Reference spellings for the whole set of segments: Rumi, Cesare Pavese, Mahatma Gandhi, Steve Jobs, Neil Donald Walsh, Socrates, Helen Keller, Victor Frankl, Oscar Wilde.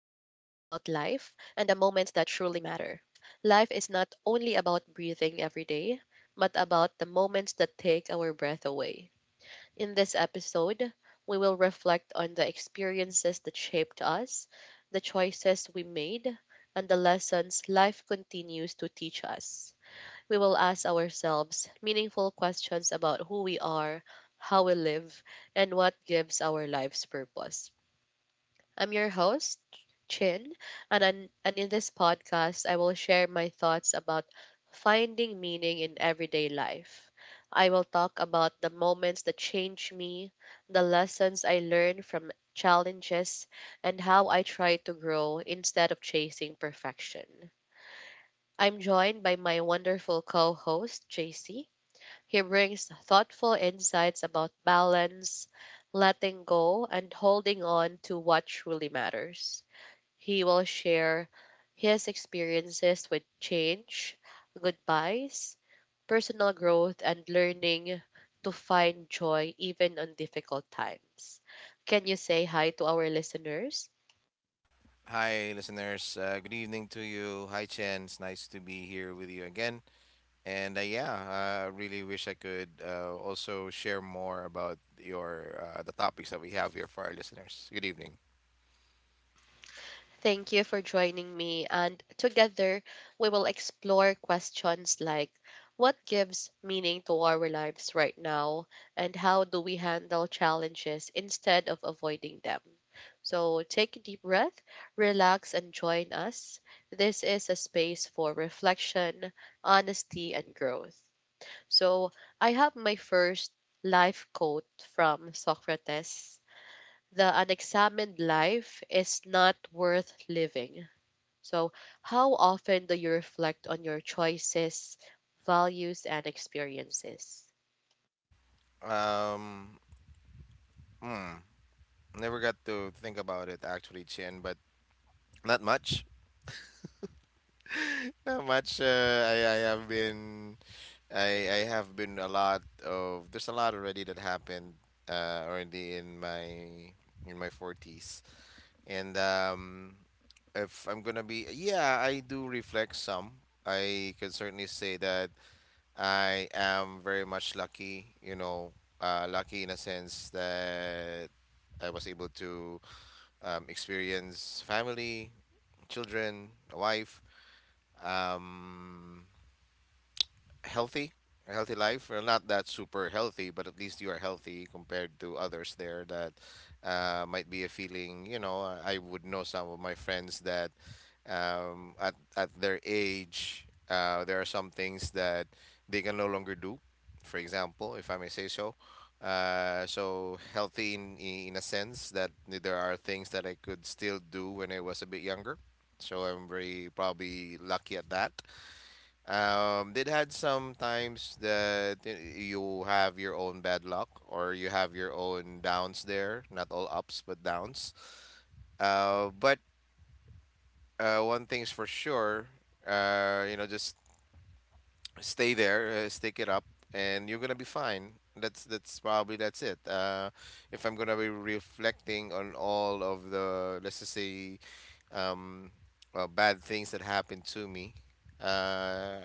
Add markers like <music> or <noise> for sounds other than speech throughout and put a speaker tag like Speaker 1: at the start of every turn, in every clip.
Speaker 1: and the moments that truly matter. Life is not only about breathing every day, but about the moments that take our breath away. In this episode, we will reflect on the experiences that shaped us, the choices we made, and the lessons life continues to teach us. We will ask ourselves meaningful questions about who we are, how we live, and what gives our lives purpose. I'm your host, Chin, and in this podcast, I will share my thoughts about finding meaning in everyday life. I will talk about the moments that change me, the lessons I learn from challenges, and how I try to grow instead of chasing perfection. I'm joined by my wonderful co host, JC. He brings thoughtful insights about balance, letting go, and holding on to what truly matters. He will share his experiences with change, goodbyes, personal growth, and learning to find joy even on difficult times. Can you say hi to our listeners?
Speaker 2: Hi, listeners. Good evening to you. Hi, Chen. It's nice to be here with you again. And Yeah, I really wish I could also share more about your the topics that we have here for our listeners. Good evening.
Speaker 1: Thank you for joining me. And together, we will explore questions like what gives meaning to our lives right now, and how do we handle challenges instead of avoiding them. So take a deep breath, relax, and join us. This is a space for reflection, honesty, and growth. So I have my first life quote from Socrates: the unexamined life is not worth living. So, how often do you reflect on your choices, values, and experiences?
Speaker 2: Um, hmm, never got to think about it actually, Chen, but not much. Not much. I have been I have been a lot of there's a lot already that happened already in my 40s and if I'm gonna be, yeah, I do reflect some. I can certainly say that I am very much lucky, you know, lucky in a sense that I was able to experience family, children, a wife. Um, healthy, a healthy life. Well, not that super healthy, but at least you are healthy compared to others there that might be a feeling. You know, I would know some of my friends that at their age, there are some things that they can no longer do. For example, if I may say so. So healthy in a sense that there are things that I could still do when I was a bit younger. So I'm very probably lucky at that. Did had some times that you have your own bad luck or you have your own downs there, not all ups but downs. But One thing's for sure, you know, just stay there, stick it up, and you're gonna be fine. That's probably that's it. If I'm gonna be reflecting on all of the, let's just say, um, bad things that happened to me. Uh,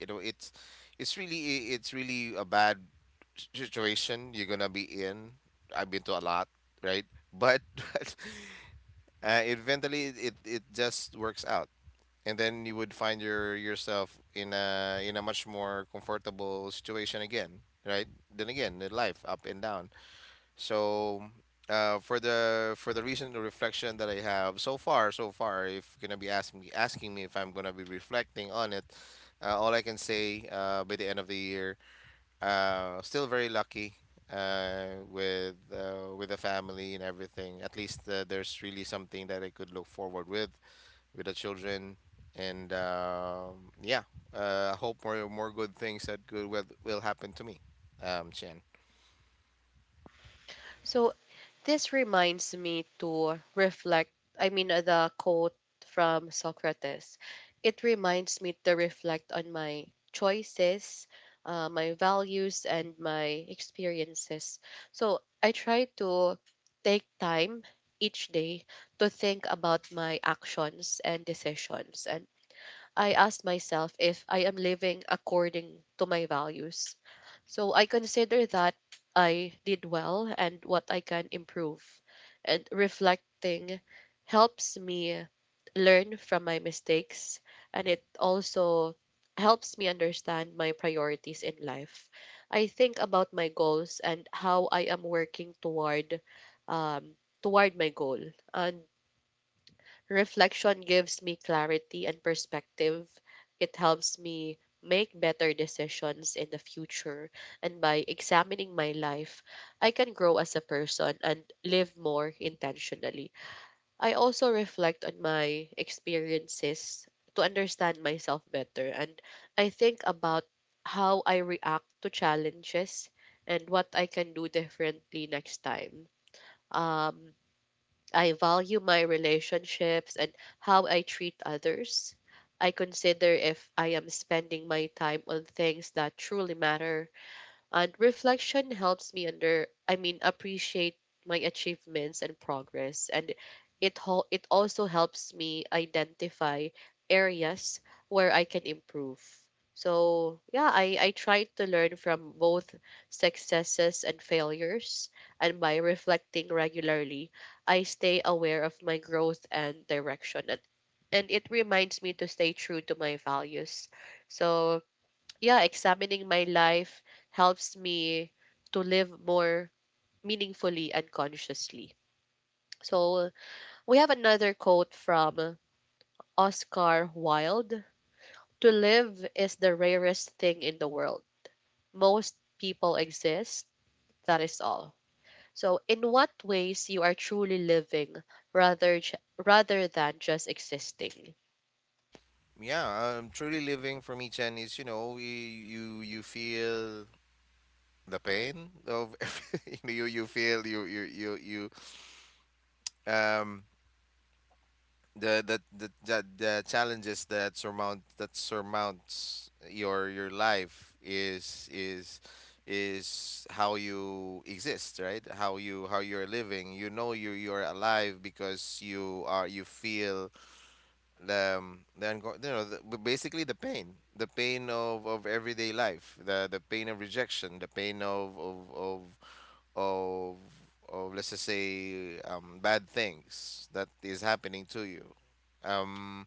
Speaker 2: you know, it's really it's really a bad situation you're gonna be in. I've been to a lot, right? But, <laughs> but eventually it just works out, and then you would find your yourself in a much more comfortable situation again, right? Then again in life, up and down. So, for the recent reflection that I have so far, so far, if you're gonna be asking me if I'm gonna be reflecting on it, all I can say, by the end of the year, still very lucky with the family and everything. At least there's really something that I could look forward with the children, and yeah, I hope more good things that good will happen to me. Chen.
Speaker 1: So, this reminds me to reflect. I mean, the quote from Socrates. It reminds me to reflect on my choices, my values, and my experiences. So, I try to take time each day to think about my actions and decisions, and I asked myself if I am living according to my values. So I consider that I did well and what I can improve. And reflecting helps me learn from my mistakes, and it also helps me understand my priorities in life. I think about my goals and how I am working toward um, toward my goal. And reflection gives me clarity and perspective. It helps me make better decisions in the future. And by examining my life, I can grow as a person and live more intentionally. I also reflect on my experiences to understand myself better. And I think about how I react to challenges and what I can do differently next time. Um, I value my relationships and how I treat others. I consider if I am spending my time on things that truly matter, and reflection helps me appreciate my achievements and progress. And it also helps me identify areas where I can improve. So yeah, I try to learn from both successes and failures. And by reflecting regularly, I stay aware of my growth and direction. And it reminds me to stay true to my values. So yeah, examining my life helps me to live more meaningfully and consciously. So we have another quote from Oscar Wilde: to live is the rarest thing in the world. Most people exist, that is all. So, in what ways you are truly living rather than just existing?
Speaker 2: Yeah, truly living for me, Chen, is you know you feel the pain of <laughs> you feel you um the challenges that surmount that surmounts your life is how you exist, right? How you how you're living. You know you're alive because you are you feel the you know the, but basically the pain, the pain of everyday life, the pain of rejection, the pain of, of let's just say, bad things that is happening to you. um,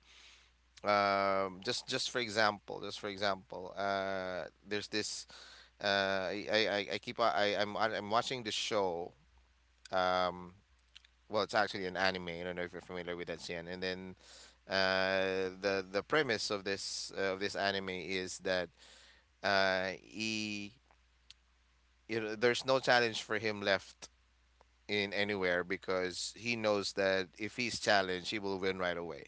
Speaker 2: just for example, just for example, there's this I keep I'm watching this show. um, well, it's actually an anime. I don't know if you're familiar with that, Xian. And then the premise of this of this anime is that he, you know, there's no challenge for him left in anywhere because he knows that if he's challenged, he will win right away.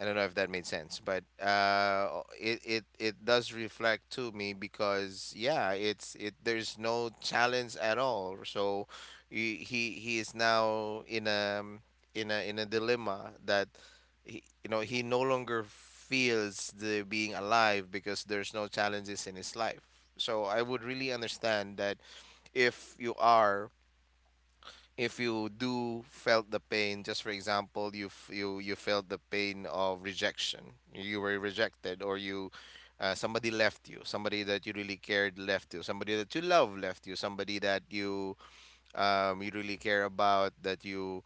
Speaker 2: I don't know if that made sense, but it does reflect to me because yeah, it's it there's no challenge at all. So he is now in a in a in a dilemma that he, you know, he no longer feels the being alive because there's no challenges in his life. So I would really understand that if you are, if you do felt the pain. Just for example, you you you felt the pain of rejection. You were rejected, or you somebody left you, somebody that you really cared left you, somebody that you love left you, somebody that you you really care about, that you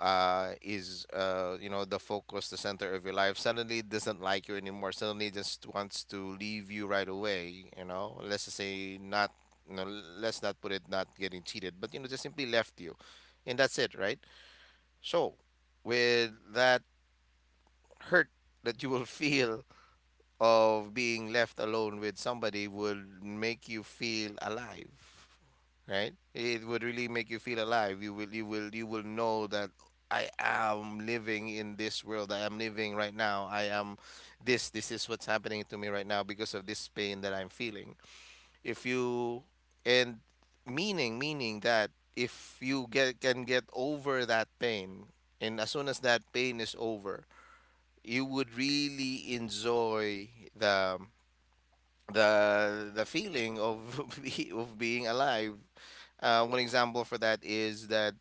Speaker 2: is you know, the focus, the center of your life, suddenly doesn't like you anymore. Suddenly just wants to leave you right away. You know, let's just say not. You know, let's not put it not getting cheated, but you know just simply left you, and that's it, right? So with that hurt that you will <laughs> feel of being left alone with somebody would make you feel alive, right? It would really make you feel alive. You will you will know that I am living in this world. I am living right now. I am, this is what's happening to me right now because of this pain that I'm feeling. If you and meaning that if you get can get over that pain, and as soon as that pain is over, you would really enjoy the the feeling of <laughs> of being alive. One example for that is that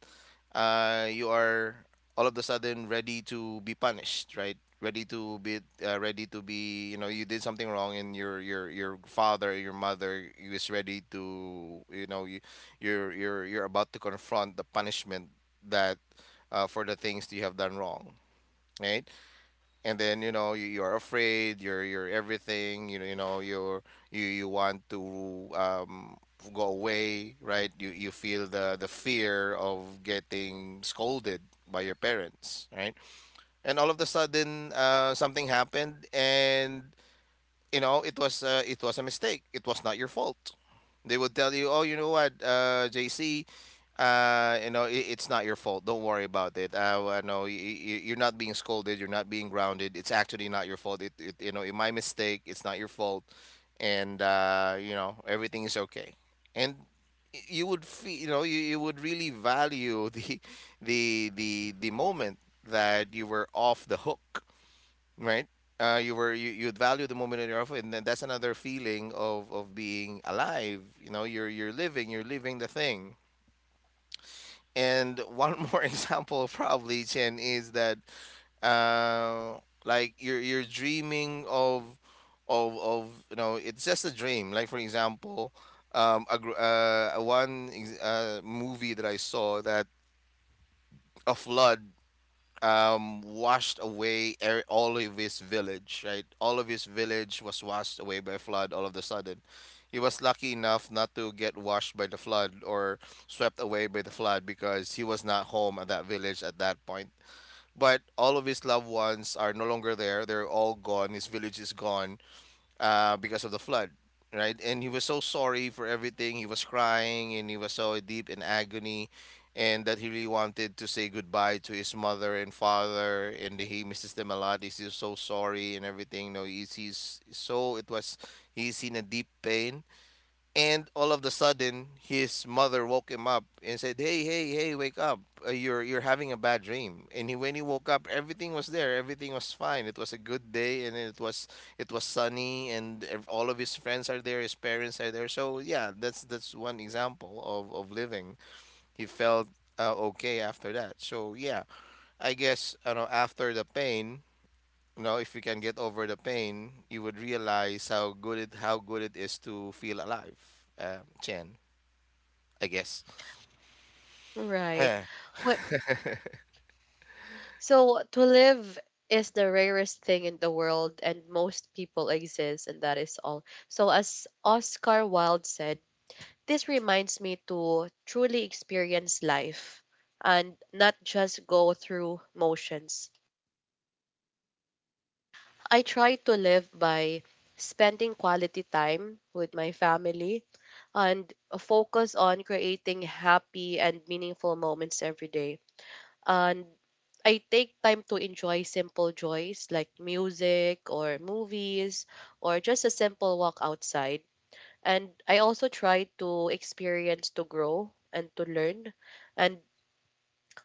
Speaker 2: you are all of a sudden ready to be punished, right? Ready to be, uh, ready to be, you know, you did something wrong and your father, your mother is ready to, you know, you're about to confront the punishment that for the things that you have done wrong, right? And then you know you, you're afraid, you're everything, you know, you know you you want to go away, right? You feel the fear of getting scolded by your parents, right? And all of a sudden something happened, and you know it was a mistake, it was not your fault. They would tell you, oh, you know what, JC, you know, it, it's not your fault, don't worry about it. I, you're not being scolded, you're not being grounded. It's actually not your fault. It, you know, it my mistake, it's not your fault. And you know, everything is okay. And you would feel, you know, you would really value the <laughs> the the moment that you were off the hook, right? You were, you you'd value the moment in your offer, and then that's another feeling of being alive. You know, you're living the thing. And one more <laughs> example, probably, Chen, is that uh, like you're dreaming of you know, it's just a dream. Like for example, a gr- one ex- movie that I saw that a flood washed away all of his village, right? All of his village was washed away by flood all of the sudden. He was lucky enough not to get washed by the flood or swept away by the flood because he was not home at that village at that point. But all of his loved ones are no longer there. They're all gone. His village is gone because of the flood, right? And he was so sorry for everything. He was crying and he was so deep in agony, and that he really wanted to say goodbye to his mother and father. And he misses them a lot. He's so sorry and everything. You know, he's so it was he's in a deep pain, and all of the sudden, his mother woke him up and said, "Hey, hey, hey, wake up! You're having a bad dream." And he, when he woke up, everything was there. Everything was fine. It was a good day, and it was, it was sunny, and all of his friends are there. His parents are there. So yeah, that's one example of living. He felt okay after that. So yeah, I guess, you know, after the pain, you know, if you can get over the pain, you would realize how good it is to feel alive. Chen. I guess.
Speaker 1: Right.
Speaker 2: Yeah,
Speaker 1: Wh- So, to live is the rarest thing in the world, and most people exist, and that is all. So, as Oscar Wilde said, this reminds me to truly experience life and not just go through motions. I try to live by spending quality time with my family and focus on creating happy and meaningful moments every day. And I take time to enjoy simple joys like music or movies or just a simple walk outside. And I also try to experience to grow and to learn. And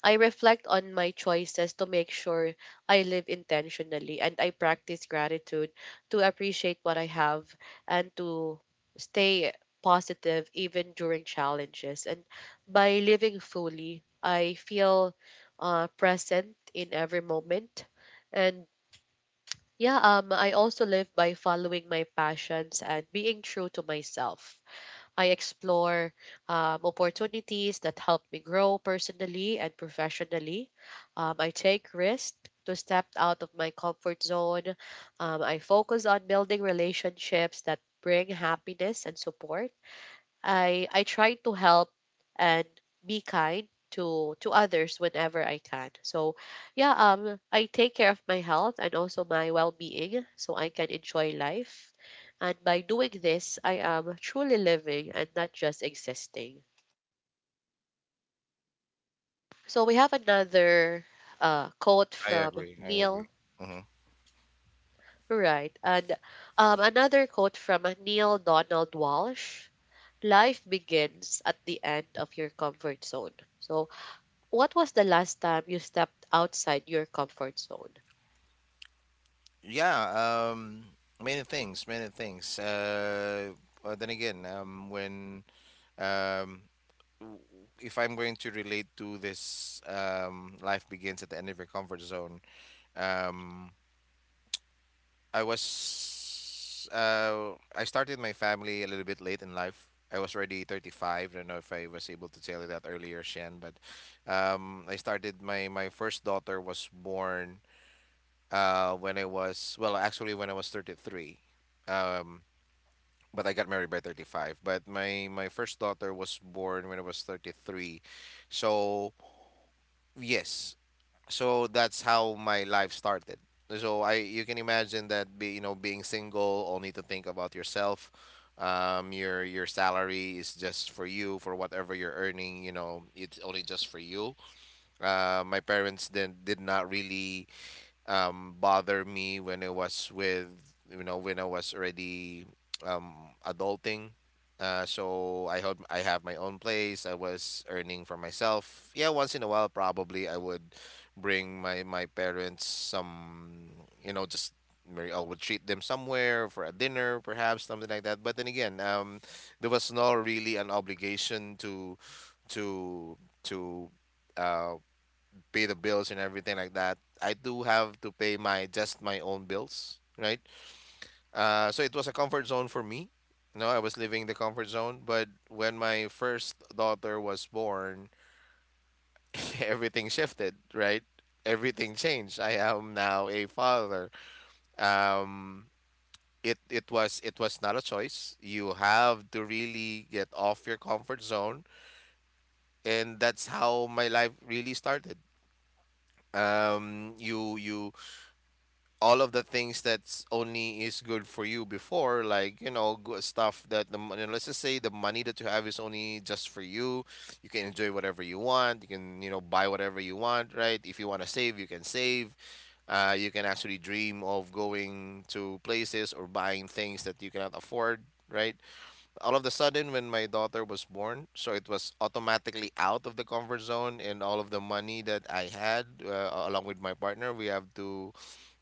Speaker 1: I reflect on my choices to make sure I live intentionally, and I practice gratitude to appreciate what I have and to stay positive even during challenges. And by living fully, I feel present in every moment. And yeah, I also live by following my passions and being true to myself. I explore opportunities that help me grow personally and professionally. I take risks to step out of my comfort zone. I focus on building relationships that bring happiness and support. I try to help and be kind to others whenever I can. So yeah, I take care of my health and also my well-being so I can enjoy life. And by doing this, I am truly living and not just existing. So we have another quote
Speaker 2: I
Speaker 1: from
Speaker 2: agree. I agree.
Speaker 1: Neil.
Speaker 2: Hmm.
Speaker 1: Right. And another quote from Neil Donald Walsh: life begins at the end of your comfort zone. So, what was the last time you stepped outside your comfort zone?
Speaker 2: Yeah, many things, many things. But then again, um, w- if I'm going to relate to this, life begins at the end of your comfort zone. Um, I was, I started my family a little bit late in life. I was already 35. I don't know if I was able to tell you that earlier, Shan, but I started my, my first daughter was born when I was, well, actually when I was 33. Um, but I got married by 35. But my first daughter was born when I was 33. So yes, so that's how my life started. So I you can imagine that be, you know being single, only to think about yourself. Your salary is just for you for whatever you're earning. It's only just for you. My parents then did not really bother me when I was with, when I was already um, adulting. So I hope I have my own place. I was earning for myself. Yeah, once in a while, probably I would bring my parents some, just maybe I would treat them somewhere for a dinner, perhaps something like that. But then again, there was no really an obligation to to uh, pay the bills and everything like that. I do have to pay my just my own bills, right? So it was a comfort zone for me. No, I was living the comfort zone, but when my first daughter was born, <laughs> everything shifted, right? Everything changed. I am now a father. Um, it was not a choice. You have to really get off your comfort zone, and that's how my life really started. You all of the things that's only is good for you before like stuff that the money, let's just say the money that you have is only just for you. You can enjoy whatever you want, you can buy whatever you want, right? If you want to save, you can save. You can actually dream of going to places or buying things that you cannot afford, right? All of the sudden when my daughter was born, so it was automatically out of the comfort zone, and all of the money that I had, along with my partner, we have to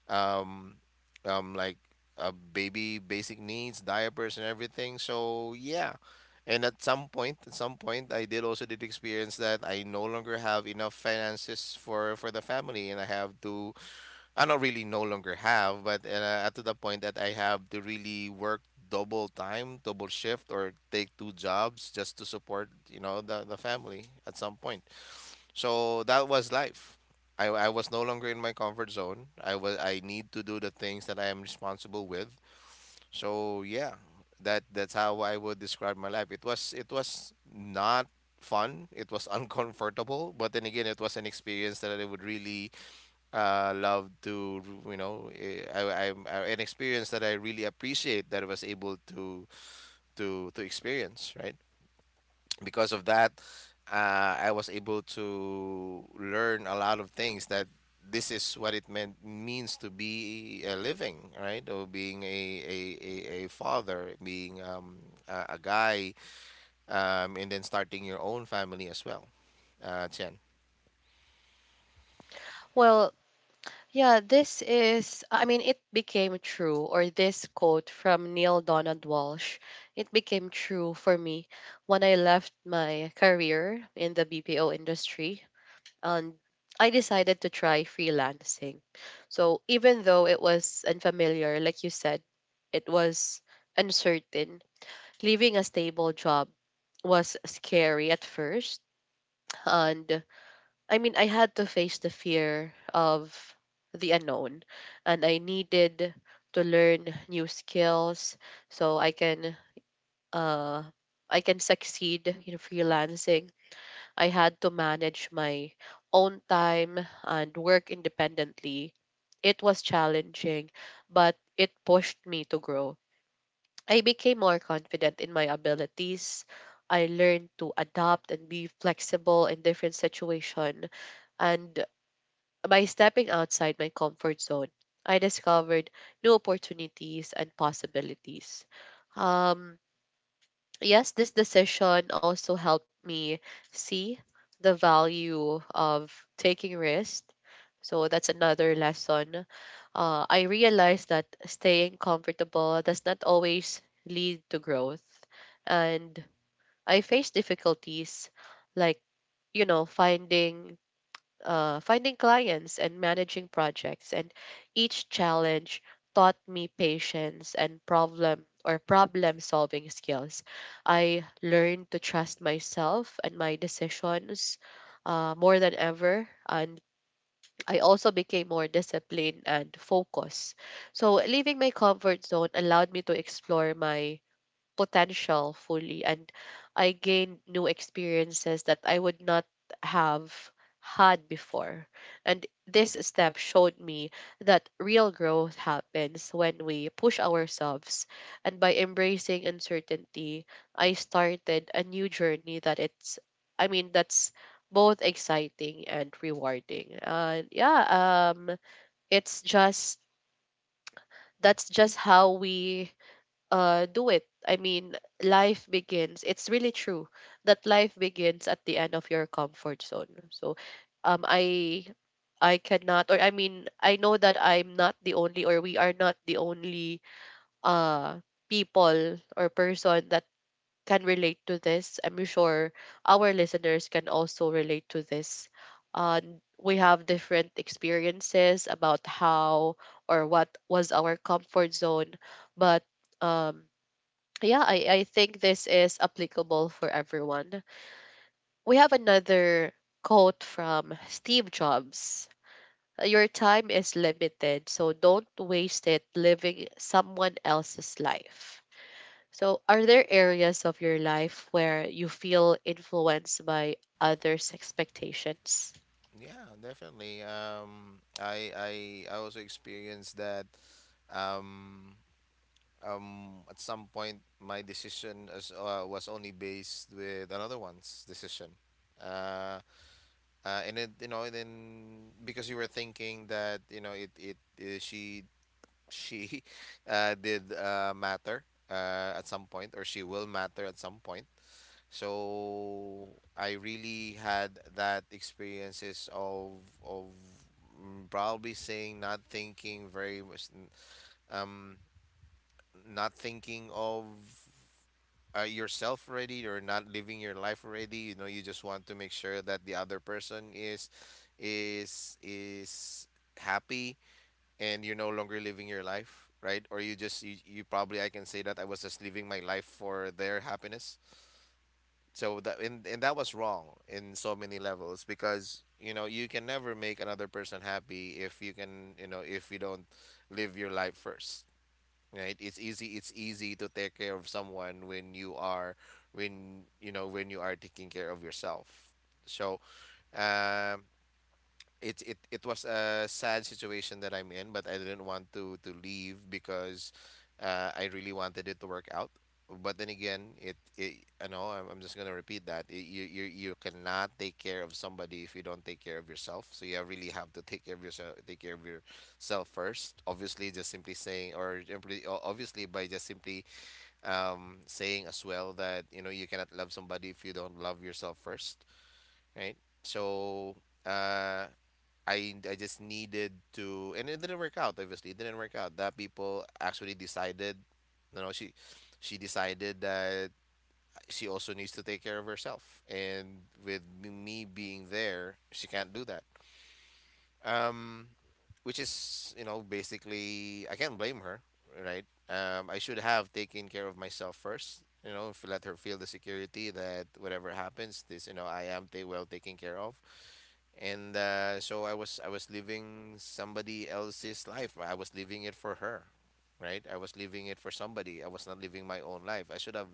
Speaker 2: um, um, like baby basic needs, diapers, and everything. So yeah, and at some point, I did also did experience that I no longer have enough finances for the family, and I have to. I not really no longer have, but at to the point that I have to really work double time, double shift, or take two jobs just to support the family at some point. So that was life. I was no longer in my comfort zone. I was I need to do the things that I am responsible with. So yeah, that's how I would describe my life. It was not fun. It was <laughs> uncomfortable, but then again, it was an experience that I would really love to you know eh, I an experience that I really appreciate that I was able to experience. Right, because of that, I was able to learn a lot of things that this is what it meant means to be a living, right? Or being a father, being a guy, and then starting your own family as well. Chen.
Speaker 1: Well, yeah, this is, I mean, it became true, or this quote from Neil Donald Walsh, it became true for me when I left my career in the BPO industry, and I decided to try freelancing. So even though it was unfamiliar, like you said, it was uncertain. Leaving a stable job was scary at first, and I mean, I had to face the fear of the unknown, and I needed to learn new skills so uh I can succeed in freelancing. I had to manage my own time and work independently. It was challenging, but it pushed me to grow. I became more confident in my abilities. I learned to adapt and be flexible in different situations, and by stepping outside my comfort zone, I discovered new opportunities and possibilities. Um, yes, this decision also helped me see the value of taking risks. So that's another lesson. I realized that staying comfortable does not always lead to growth. And I faced difficulties like, you know, finding finding clients and managing projects. And each challenge taught me patience and problem solving skills. I learned to trust myself and my decisions more than ever. And I also became more disciplined and focused. So, leaving my comfort zone allowed me to explore my potential fully, and I gained new experiences that I would not have had before. And this step showed me that real growth happens when we push ourselves. And by embracing uncertainty, I started a new journey that it's, I mean, that's both exciting and rewarding. And yeah, it's just that's just how we do it. I mean, life begins. It's really true that life begins at the end of your comfort zone. So, um, I I cannot, or I mean, I know that I'm not the only, or we are not the only uh people or person that can relate to this. I'm sure our listeners can also relate to this. Uh, we have different experiences about how or what was our comfort zone, but um yeah, I think this is applicable for everyone. We have another quote from Steve Jobs: your time is limited, so don't waste it living someone else's life. So, are there areas of your life where you feel influenced by others' expectations?
Speaker 2: Yeah, definitely. I also experienced that. Um, at some point my decision as was only based with another one's decision. uh, and it you know, then because you were thinking that you know it it, she <laughs> did matter at some point, or she will matter at some point. So I really had that experiences of probably saying, not thinking very much um not thinking of yourself already, or not living your life already. You know, you just want to make sure that the other person is happy and you're no longer living your life, right? Or you just you probably, I can say that I was just living my life for their happiness. So that, and that was wrong in so many levels because you know you can never make another person happy if you can, you know, if you don't live your life first, right? It's easy, it's easy to take care of someone when you are, when you know, when you are taking care of yourself. So um it was a sad situation that I'm in, but I didn't want to leave because I really wanted it to work out. But then again, it I know I'm just gonna repeat that I you you cannot take care of somebody if you don't take care of yourself. So you really have to take care of yourself, take care of yourself first. Obviously, just simply saying, or simply, obviously by just simply saying as well that you know you cannot love somebody if you don't love yourself first, right? So uh I just needed to, and it didn't work out. Obviously, it didn't work out. That people actually decided, you know, she decided that she also needs to take care of herself, and with me being there, she can't do that. Um, which is, you know, basically, I can't blame her, right? I should have taken care of myself first. You know, if let her feel the security that whatever happens, this, you know, I am ta well taken care of, and so I was living somebody else's life. I was living it for her, right? I was living it for somebody. I was not living my own life. I should have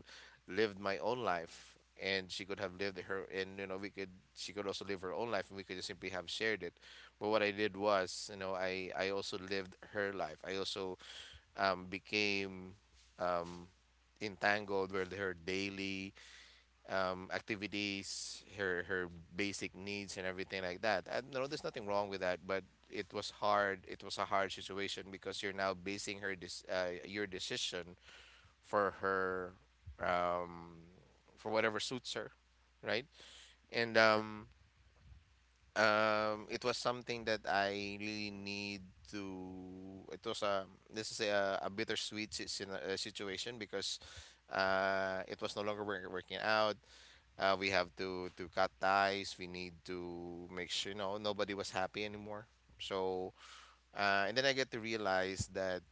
Speaker 2: lived my own life, and she could have lived her. And you know, we could she could also live her own life, and we could just simply have shared it. But what I did was, you know, I also lived her life. I also became um, entangled with her daily activities, her basic needs and everything like that. And no, there's nothing wrong with that, but it was hard. It was a hard situation because you're now basing your decision for her, um, for whatever suits her, right? And it was something that I really need to. It was a, this is a bittersweet situation because it was no longer working out. We have to cut ties. We need to make sure, you know, nobody was happy anymore. So and then I get to realize that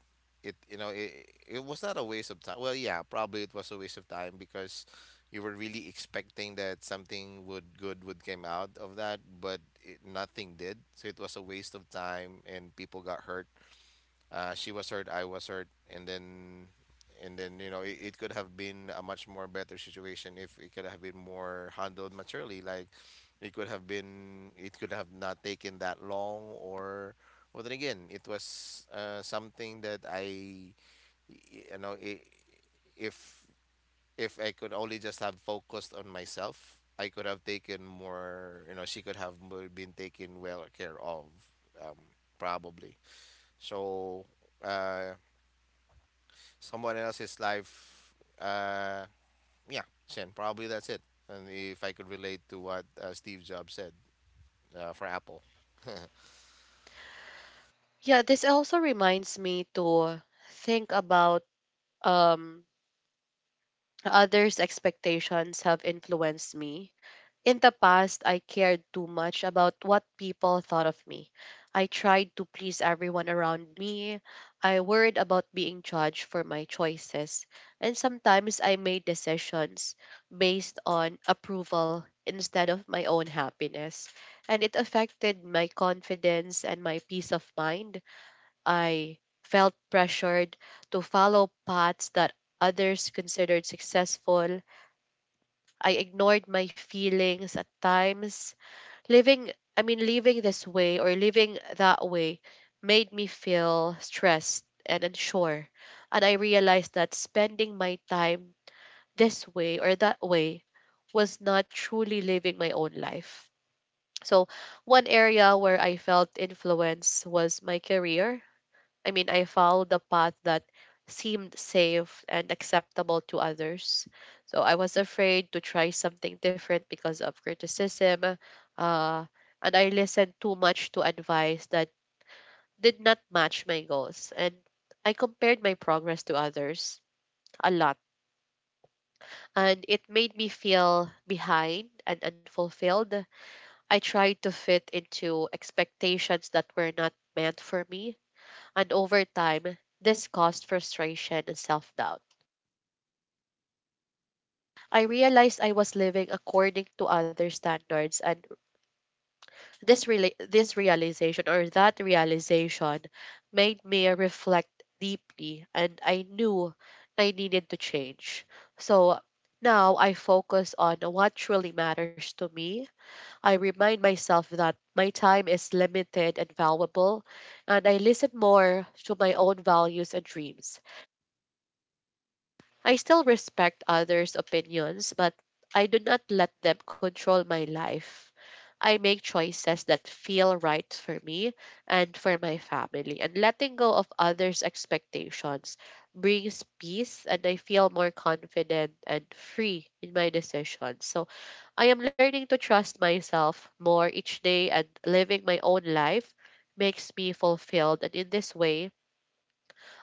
Speaker 2: it you know it it was not a waste of time. Well, yeah, probably it was a waste of time because you were really expecting that something would good would came out of that, but it, nothing did. So it was a waste of time, and people got hurt. She was hurt, I was hurt, and then, and then, you know, it could have been a much more better situation if it could have been more handled maturely. Like it could have been, it could have not taken that long, or, well, then again, it was something that I, you know, I if if I could only just have focused on myself, I could have taken more. You know, she could have more been taken well care of, um, probably. So uh, someone else's life. Uh, yeah, Shen, probably that's it. And if I could relate to what Steve Jobs said for Apple.
Speaker 1: Yeah, this also reminds me to think about um, others' expectations have influenced me. In the past, I cared too much about what people thought of me. I tried to please everyone around me. I worried about being judged for my choices. And sometimes I made decisions based on approval instead of my own happiness. And it affected my confidence and my peace of mind. I felt pressured to follow paths that others considered successful. I ignored my feelings at times. Living, living this way or living that way made me feel stressed and unsure. And I realized that spending my time this way or that way was not truly living my own life. So, one area where I felt influence was my career. I mean, I followed the path that seemed safe and acceptable to others. So I was afraid to try something different because of criticism. Uh, and I listened too much to advice that did not match my goals. And I compared my progress to others a lot. And it made me feel behind and unfulfilled. I tried to fit into expectations that were not meant for me. And over time, this caused frustration and self doubt. I realized I was living according to other standards, and this realization or that realization made me reflect deeply, and I knew I needed to change. So now I focus on what truly matters to me. I remind myself that my time is limited and valuable, and I listen more to my own values and dreams. I still respect others' opinions, but I do not let them control my life. I make choices that feel right for me and for my family, and letting go of others' expectations brings peace, and I feel more confident and free in my decisions. So I am learning to trust myself more each day, and living my own life makes me fulfilled. And in this way,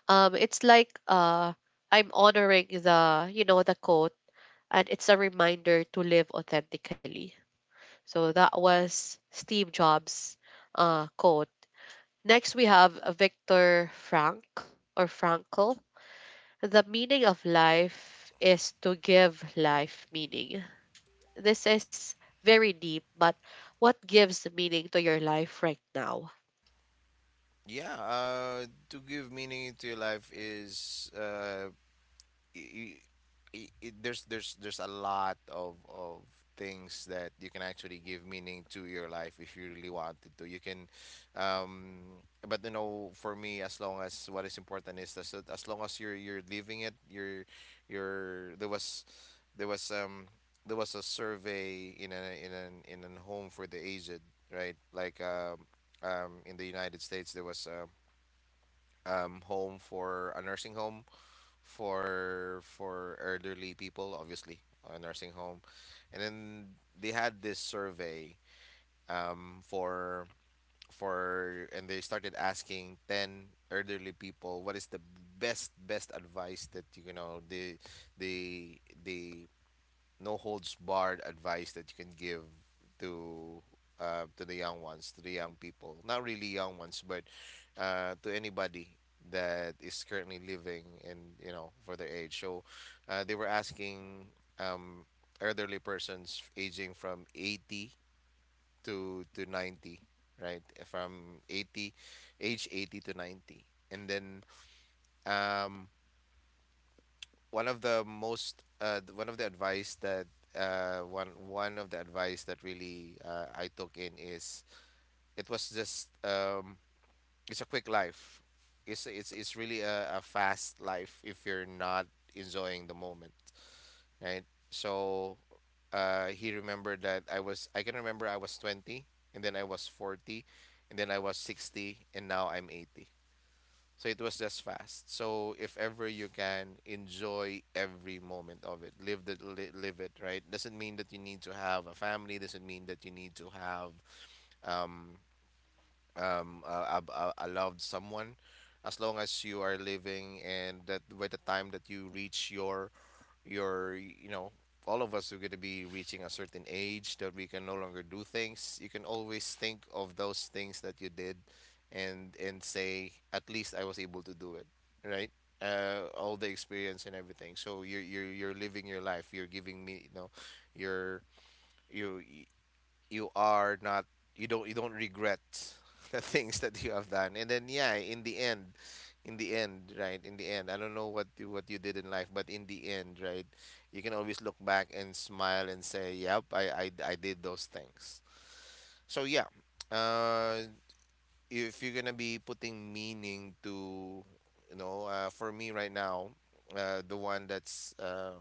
Speaker 1: it's like I'm honoring the the quote, and it's a reminder to live authentically. So that was Steve Jobs' quote. Next we have Victor Frank, or Frankl: the meaning of life is to give life meaning. This is very deep, but what gives meaning to your life right now?
Speaker 2: <laughs> Yeah, to give meaning to your life is y- there's a lot of things that you can actually give meaning to your life if you really wanted to. You can, but you know, for me, as long as what is important is as long as you're living it, you're there was um there was a survey in a in an in a home for the aged, right? Like in the United States there was home for a nursing home for elderly people, obviously, a nursing home, and then they had this survey, um, for for and they started asking 10 elderly people what is the best advice that you know they no holds barred advice that you can give to, to the young ones, to the young people? Not really young ones, but to anybody that is currently living, and you know for their age. So they were asking um, elderly persons aging from 80 to 90, right? From 80, age 80 to 90, and then um, one of the most one of the advice that, one, one of the advice that really I took in is it was just, it's a quick life. It's really a fast life if you're not enjoying the moment, right? So he remembered that I was, I can remember I was 20, and then I was 40, and then I was 60, and now I'm 80. So it was just fast. So if ever you can enjoy every moment of it, live it, right? Doesn't mean that you need to have a family, doesn't mean that you need to have um I loved someone, as long as you are living. And that by the time that you reach your your, all of us are going to be reaching a certain age that we can no longer do things, you can always think of those things that you did and say, at least I was able to do it, right? All the experience and everything. So you're, you're living your life, you're giving me. You're you you are not you don't You don't regret <laughs> the things that you have done. And then yeah, in the end, in the end, right, in the end, I don't know what you did in life, but in the end, right, you can always look back and smile and say, yep, I did those things. So yeah, uh if you're gonna be putting meaning to, you know, for me right now, the one that's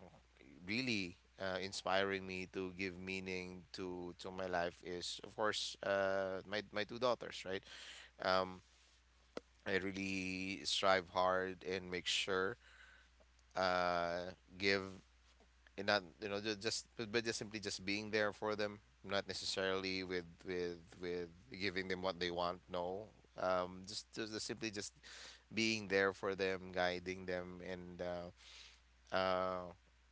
Speaker 2: really inspiring me to give meaning to my life is, of course, my two daughters, right? um, I really strive hard and make sure, give and not, you know, just simply just being there for them, not necessarily with giving them what they want. No. Just, simply just being there for them, guiding them, and uh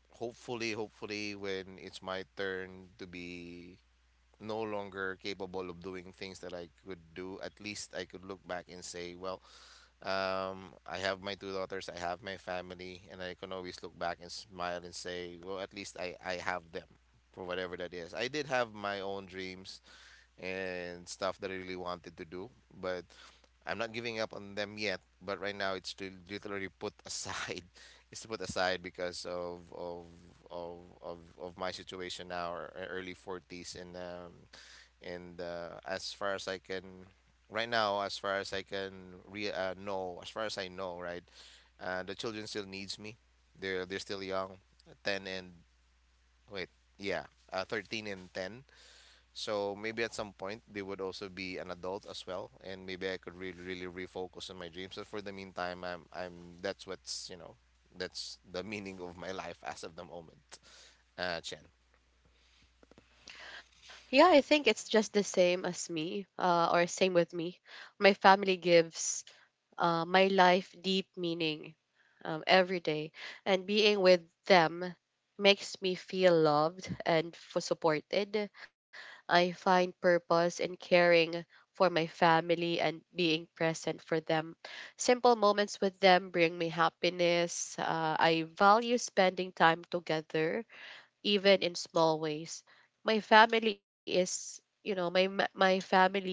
Speaker 2: hopefully, when it's my turn to be no longer capable of doing things that I could do, at least I could look back and say, well, I have my two daughters, I have my family, and I can always look back and smile and say, well, at least I have them, for whatever that is. I did have my own dreams and stuff that I really wanted to do. But I'm not giving up on them yet. But right now, it's to literally put aside. <laughs> It's to put aside because of my situation now, or e- early 40s, and as far as I can, right now, as far as I can re know, as far as I know, right, the children still needs me. They're still young, 10 and wait, yeah, 13 and 10. So maybe at some point they would also be an adult as well, and maybe I could really, really refocus on my dreams. But for the meantime, I'm, I'm. That's that's the <laughs> meaning of my life as of the moment. Chen.
Speaker 1: Yeah, I think it's just the same as me, or same with me. My family gives my life deep meaning, every day. And being with them makes me feel loved and supported. I find purpose in caring for my family and being present for them. Simple moments with them bring me happiness. I value spending time together, even in small ways. My family is, you know, my family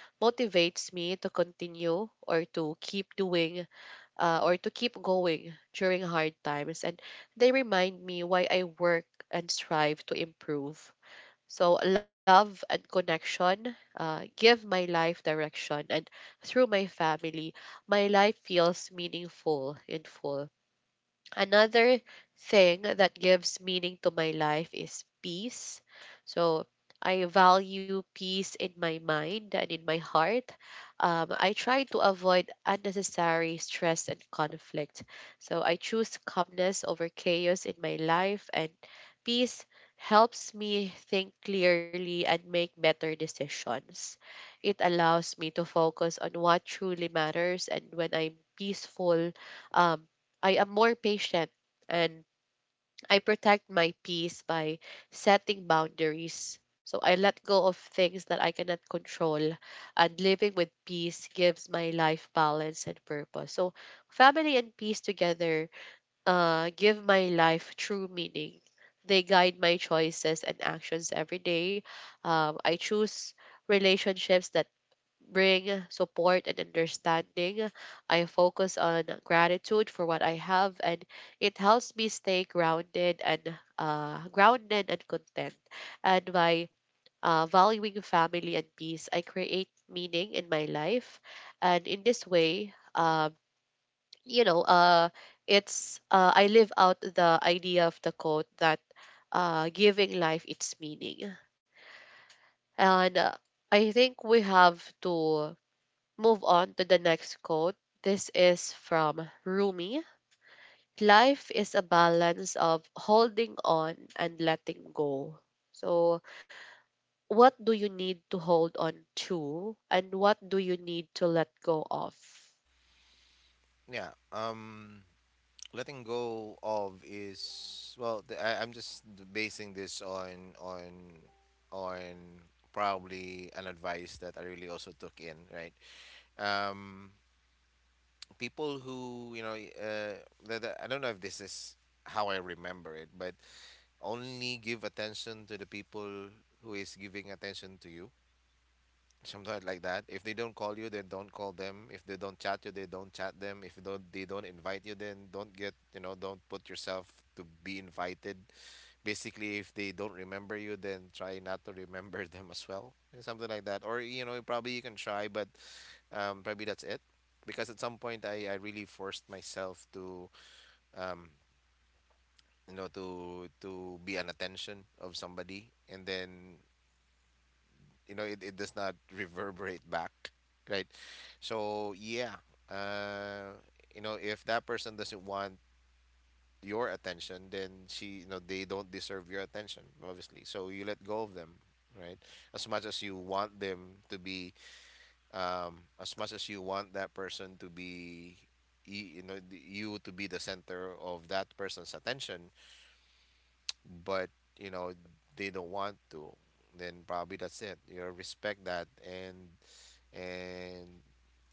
Speaker 1: motivates me to continue, or to keep doing, or to keep going during hard times. And they remind me why I work and strive to improve. So, love and connection give my life direction, and through my family, my life feels meaningful and full. Another thing that gives meaning to my life is peace. So I value peace in my mind and in my heart. I try to avoid unnecessary stress and conflict. So I choose calmness over chaos in my life, and peace helps me think clearly and make better decisions. It allows me to focus on what truly matters, and when I'm peaceful, um, I am more patient, and I protect my peace by setting boundaries. So I let go of things that I cannot control, and living with peace gives my life balance and purpose. So family and peace together give my life true meaning. They guide my choices and actions every day. I choose relationships that bring support and understanding. I focus on gratitude for what I have, and it helps me stay grounded and content. And by valuing family and peace, I create meaning in my life, and in this way, you know, it's I live out the idea of the quote that giving life its meaning. And I think we have to move on to the next quote. This is from Rumi. Life is a balance of holding on and letting go. So, what do you need to hold on to and what do you need to let go of?
Speaker 2: Yeah. Letting go of is well. I'm just basing this on probably an advice that I really also took in, right. Um, People who, you know, I don't know if this is how I remember it, but only give attention to the people who is giving attention to you, something like that. If they don't call you, then don't call them. If they don't chat you, they don't chat them. If don't, they don't invite you, then don't get, you know, don't put yourself to be invited. Basically, if they don't remember you, then try not to remember <laughs> them as well. Yeah, something like that. Or, you know, probably you can try, but probably that's it. Because at some point I really forced myself to, um, you know, to be an attention of somebody, and then, you know, it does not <laughs> reverberate back, right? So yeah, uh, you know, if that person doesn't want your attention, then she, you know, they don't deserve your attention, obviously. So you let go of them, right? As much as you want them to be, as much as you want that person to be, you know, you to be the center of that person's attention, but, you know, they don't want to, then probably that's it. You know, respect that, and and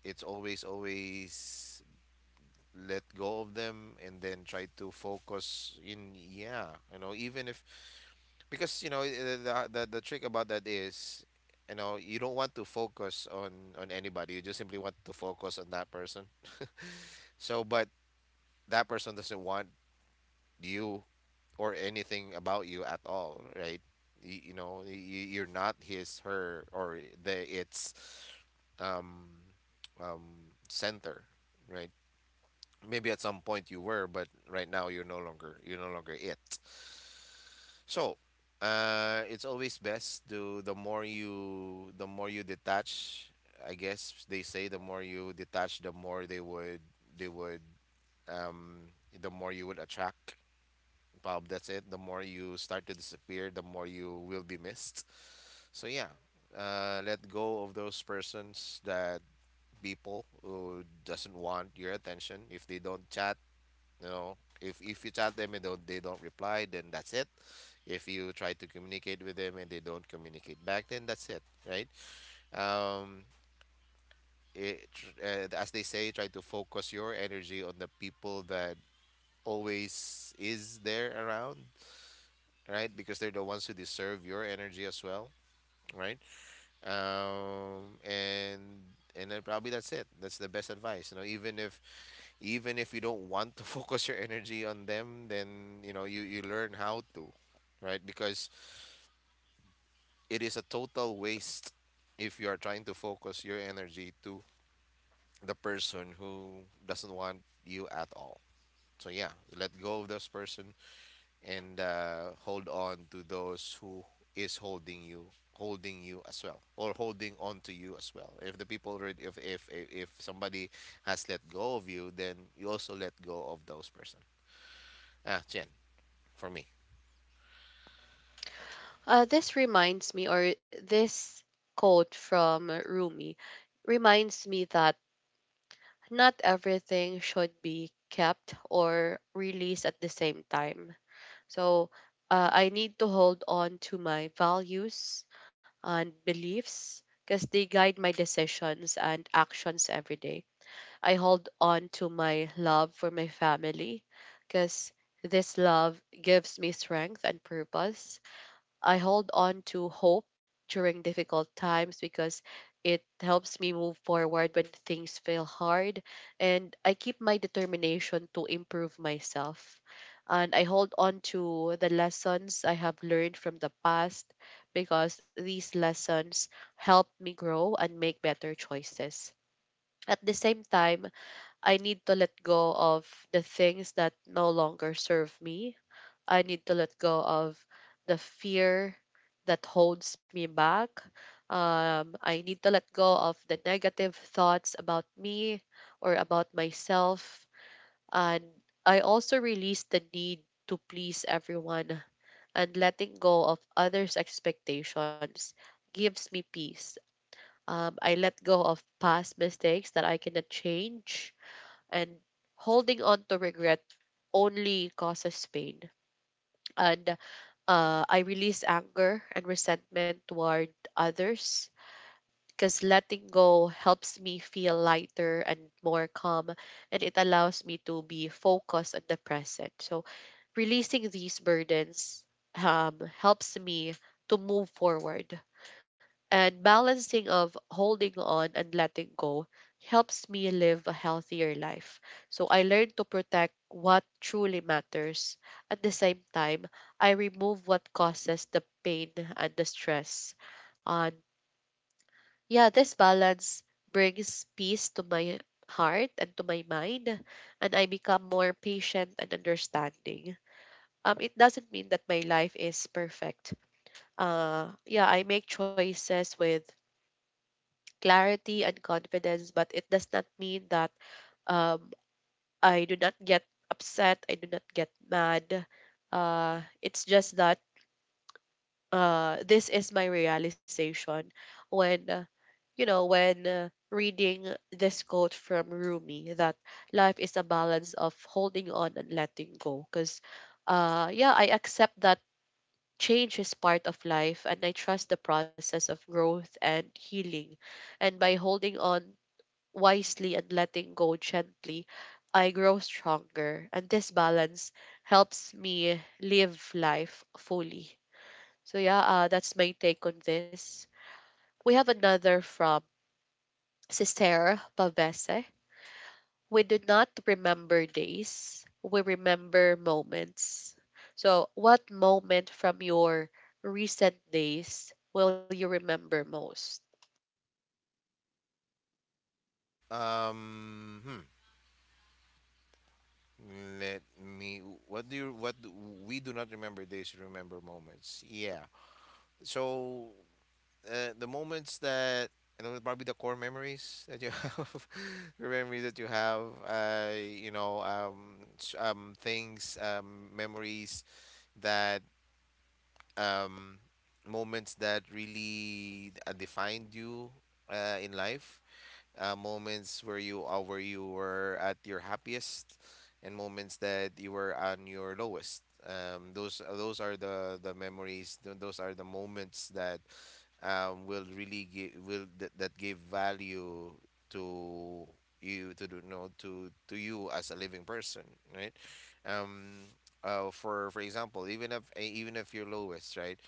Speaker 2: it's always, let go of them and then try to focus in. Yeah, you know, even if, because, you know, the trick about that is, you know, you don't want to focus on, anybody. You just simply want to focus on that person. So but that person doesn't want you or anything about you at all, right? You're not his, her, or the it's um um center, right? Maybe at some point you were, but right now you're no longer, it. So, it's always best to the more you detach. I guess they say the more you detach, the more they would, they would the more you would attract. Bob, that's it. The more you start to disappear, the more you will be missed. So yeah, let go of those persons that, people who doesn't want your attention. If they don't chat, you know, if you chat them and don't, they don't reply, then that's it. If you try to communicate with them and they don't communicate back, then that's it, right? um it, as they say, try to focus your energy on the people that always is there around, right? Because they're the ones who deserve your energy as well, right? And then probably that's it, that's the best advice. You know, even if, you don't want to <laughs> focus your energy on them, then, you know, you learn how to, right? Because it is a total waste if you are trying to focus your energy to the person who doesn't want you at all. So yeah, let go of this person, and hold on to those who is holding you, as well, or holding on to you as well. If the people already, if somebody has let go of you, then you also let go of those person. Ah, Chen. For me.
Speaker 1: This reminds me, or this quote from Rumi reminds me that not everything should be kept or released at the same time. So I need to hold on to my values and beliefs because they guide my decisions and actions every day. I hold on to my love for my family because this love gives me strength and purpose. I hold on to hope during difficult times because it helps me move forward when things feel hard. And I keep my determination to improve myself. And I hold on to the lessons I have learned from the past, because these lessons help me grow and make better choices. At the same time, I need to let go of the things that no longer serve me. I need to let go of the fear that holds me back. I need to let go of the negative thoughts about me or about myself. And I also release the need to please everyone, and letting go of others' expectations gives me peace. I let go of past mistakes that I cannot change, and holding on to regret only causes pain. And I release anger and resentment toward others, because letting go helps me feel lighter and more calm, and it allows me to be focused on the present. So, releasing these burdens, helps me to move forward, and balancing of holding on and letting go helps me live a healthier life. So I learn to protect what truly matters. At the same time, I remove what causes the pain and the stress. And yeah, this balance brings peace to my heart and to my mind, and I become more patient and understanding. It doesn't mean that my life is perfect. Yeah, I make choices with clarity and confidence, but it does not mean that, um, I do not get upset, I do not get mad. It's just that, this is my realization when, you know, when reading this quote from Rumi that life is a balance of holding on and letting go. Because, yeah, I accept that change is part of life, and I trust the process of growth and healing. And by holding on wisely and letting go gently, I grow stronger. And this balance helps me live life fully. So, yeah, that's my take on this. We have another from Sister Pavese. We do not remember days, we remember moments. So, what moment from your recent days will you remember most?
Speaker 2: Um, hmm. Let me. What do you? What do, we do not remember days, we remember moments. Yeah. So the moments that, you know, probably the core memories that you have, <laughs> the memories that you have. You know, memories that, um moments that really defined you in life, moments where you were at your happiest, and moments that you were on your lowest. Those those are the memories, those are the moments that will really give, will that, that give value to you to do- know to you as a living person, right? um for, example, even if you're lowest, right?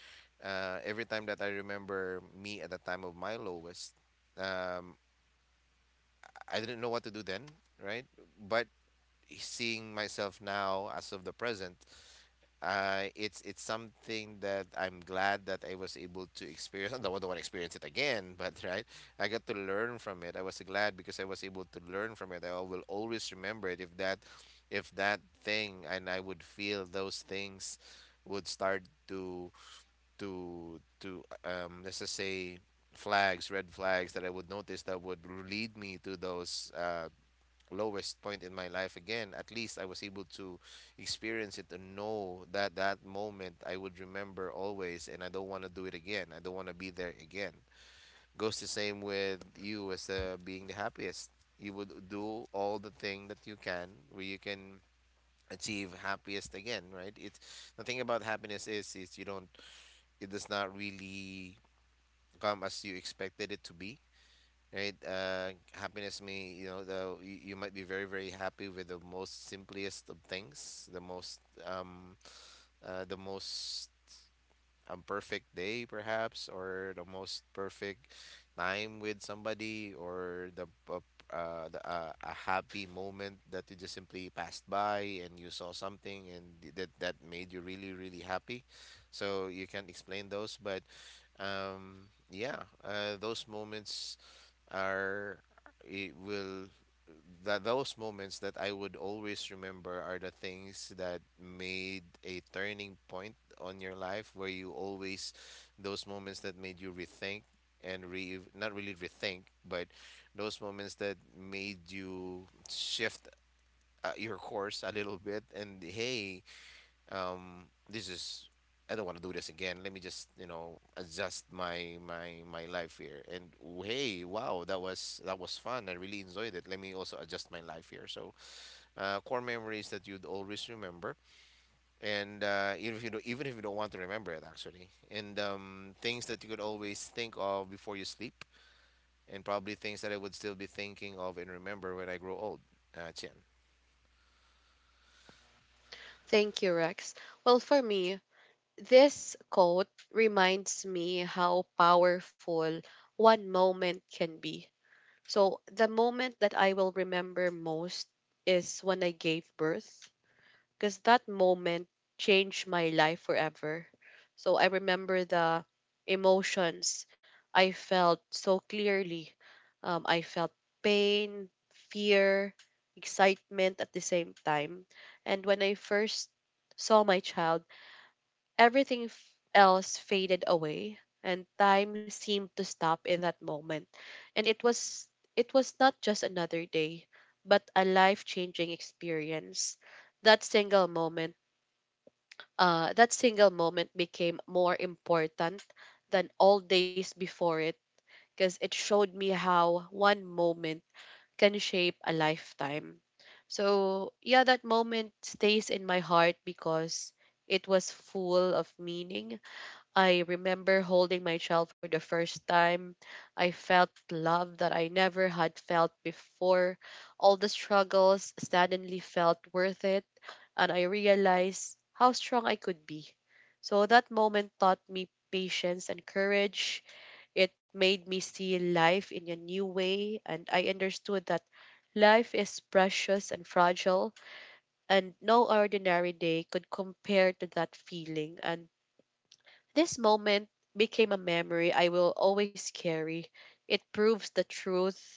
Speaker 2: Every time that I remember me at the time of my lowest. um. I didn't know what to do then, right? But seeing myself now as of the present, it's something that I'm glad that I was able to experience. <laughs> I don't want to experience it again, but right, I got to learn from it. I was glad because I was able to learn from it. I will always remember it. If that thing, and I would feel those things would start to let's just say flags, red flags that I would notice that would lead me to those lowest point in my life again, at least I was able to experience it and know that that moment I would remember always, and I don't want to do it again, I don't want to be there again. Goes the same with you as being the happiest. You would do all the thing that you can where you can achieve happiest again, right? It's the thing about happiness is, you don't, it does not really come as you expected it to be, right? Happiness may, you know, you might be very, very happy with the most simplest of things, the most, um, the most, a perfect day perhaps, or the most perfect time with somebody, or the a happy moment that you just simply passed by and you saw something, and that that made you really, really happy. So you can't explain those, but yeah, those moments are, it will, that those moments that I would always remember are the things that made a turning point on your life, where you always, those moments that made you rethink, and re, not really rethink, but those moments that made you shift your course a little bit, and hey, this is, I don't want to do this again. Let me just, you know, adjust my life here. And hey, wow, that was fun. I really enjoyed it. Let me also adjust my life here. So core memories that you'd always remember and even if you don't, even if you don't want to remember it actually, and things that you could always think of before you sleep, and probably things that I would still be thinking of and remember when I grow old, Chen.
Speaker 1: Thank you, Rex. Well, for me, this quote reminds me how powerful one moment can be. So, the moment that I will remember most is when I gave birth, because that moment changed my life forever. So, I remember the emotions I felt so clearly. I felt pain, fear, excitement at the same time. And when I first saw my child, everything else faded away and time seemed to stop in that moment. And it was, it was not just another day, but a life-changing experience. That single moment, that single moment became more important than all days before it, because it showed me how one moment can shape a lifetime. So, yeah, that moment stays in my heart because it was full of meaning. I remember holding my child for the first time. I felt love that I never had felt before. All the struggles suddenly felt worth it, and I realized how strong I could be. So that moment taught me patience and courage. It made me see life in a new way, and I understood that life is precious and fragile, and no ordinary day could compare to that feeling. And this moment became a memory I will always carry. It proves the truth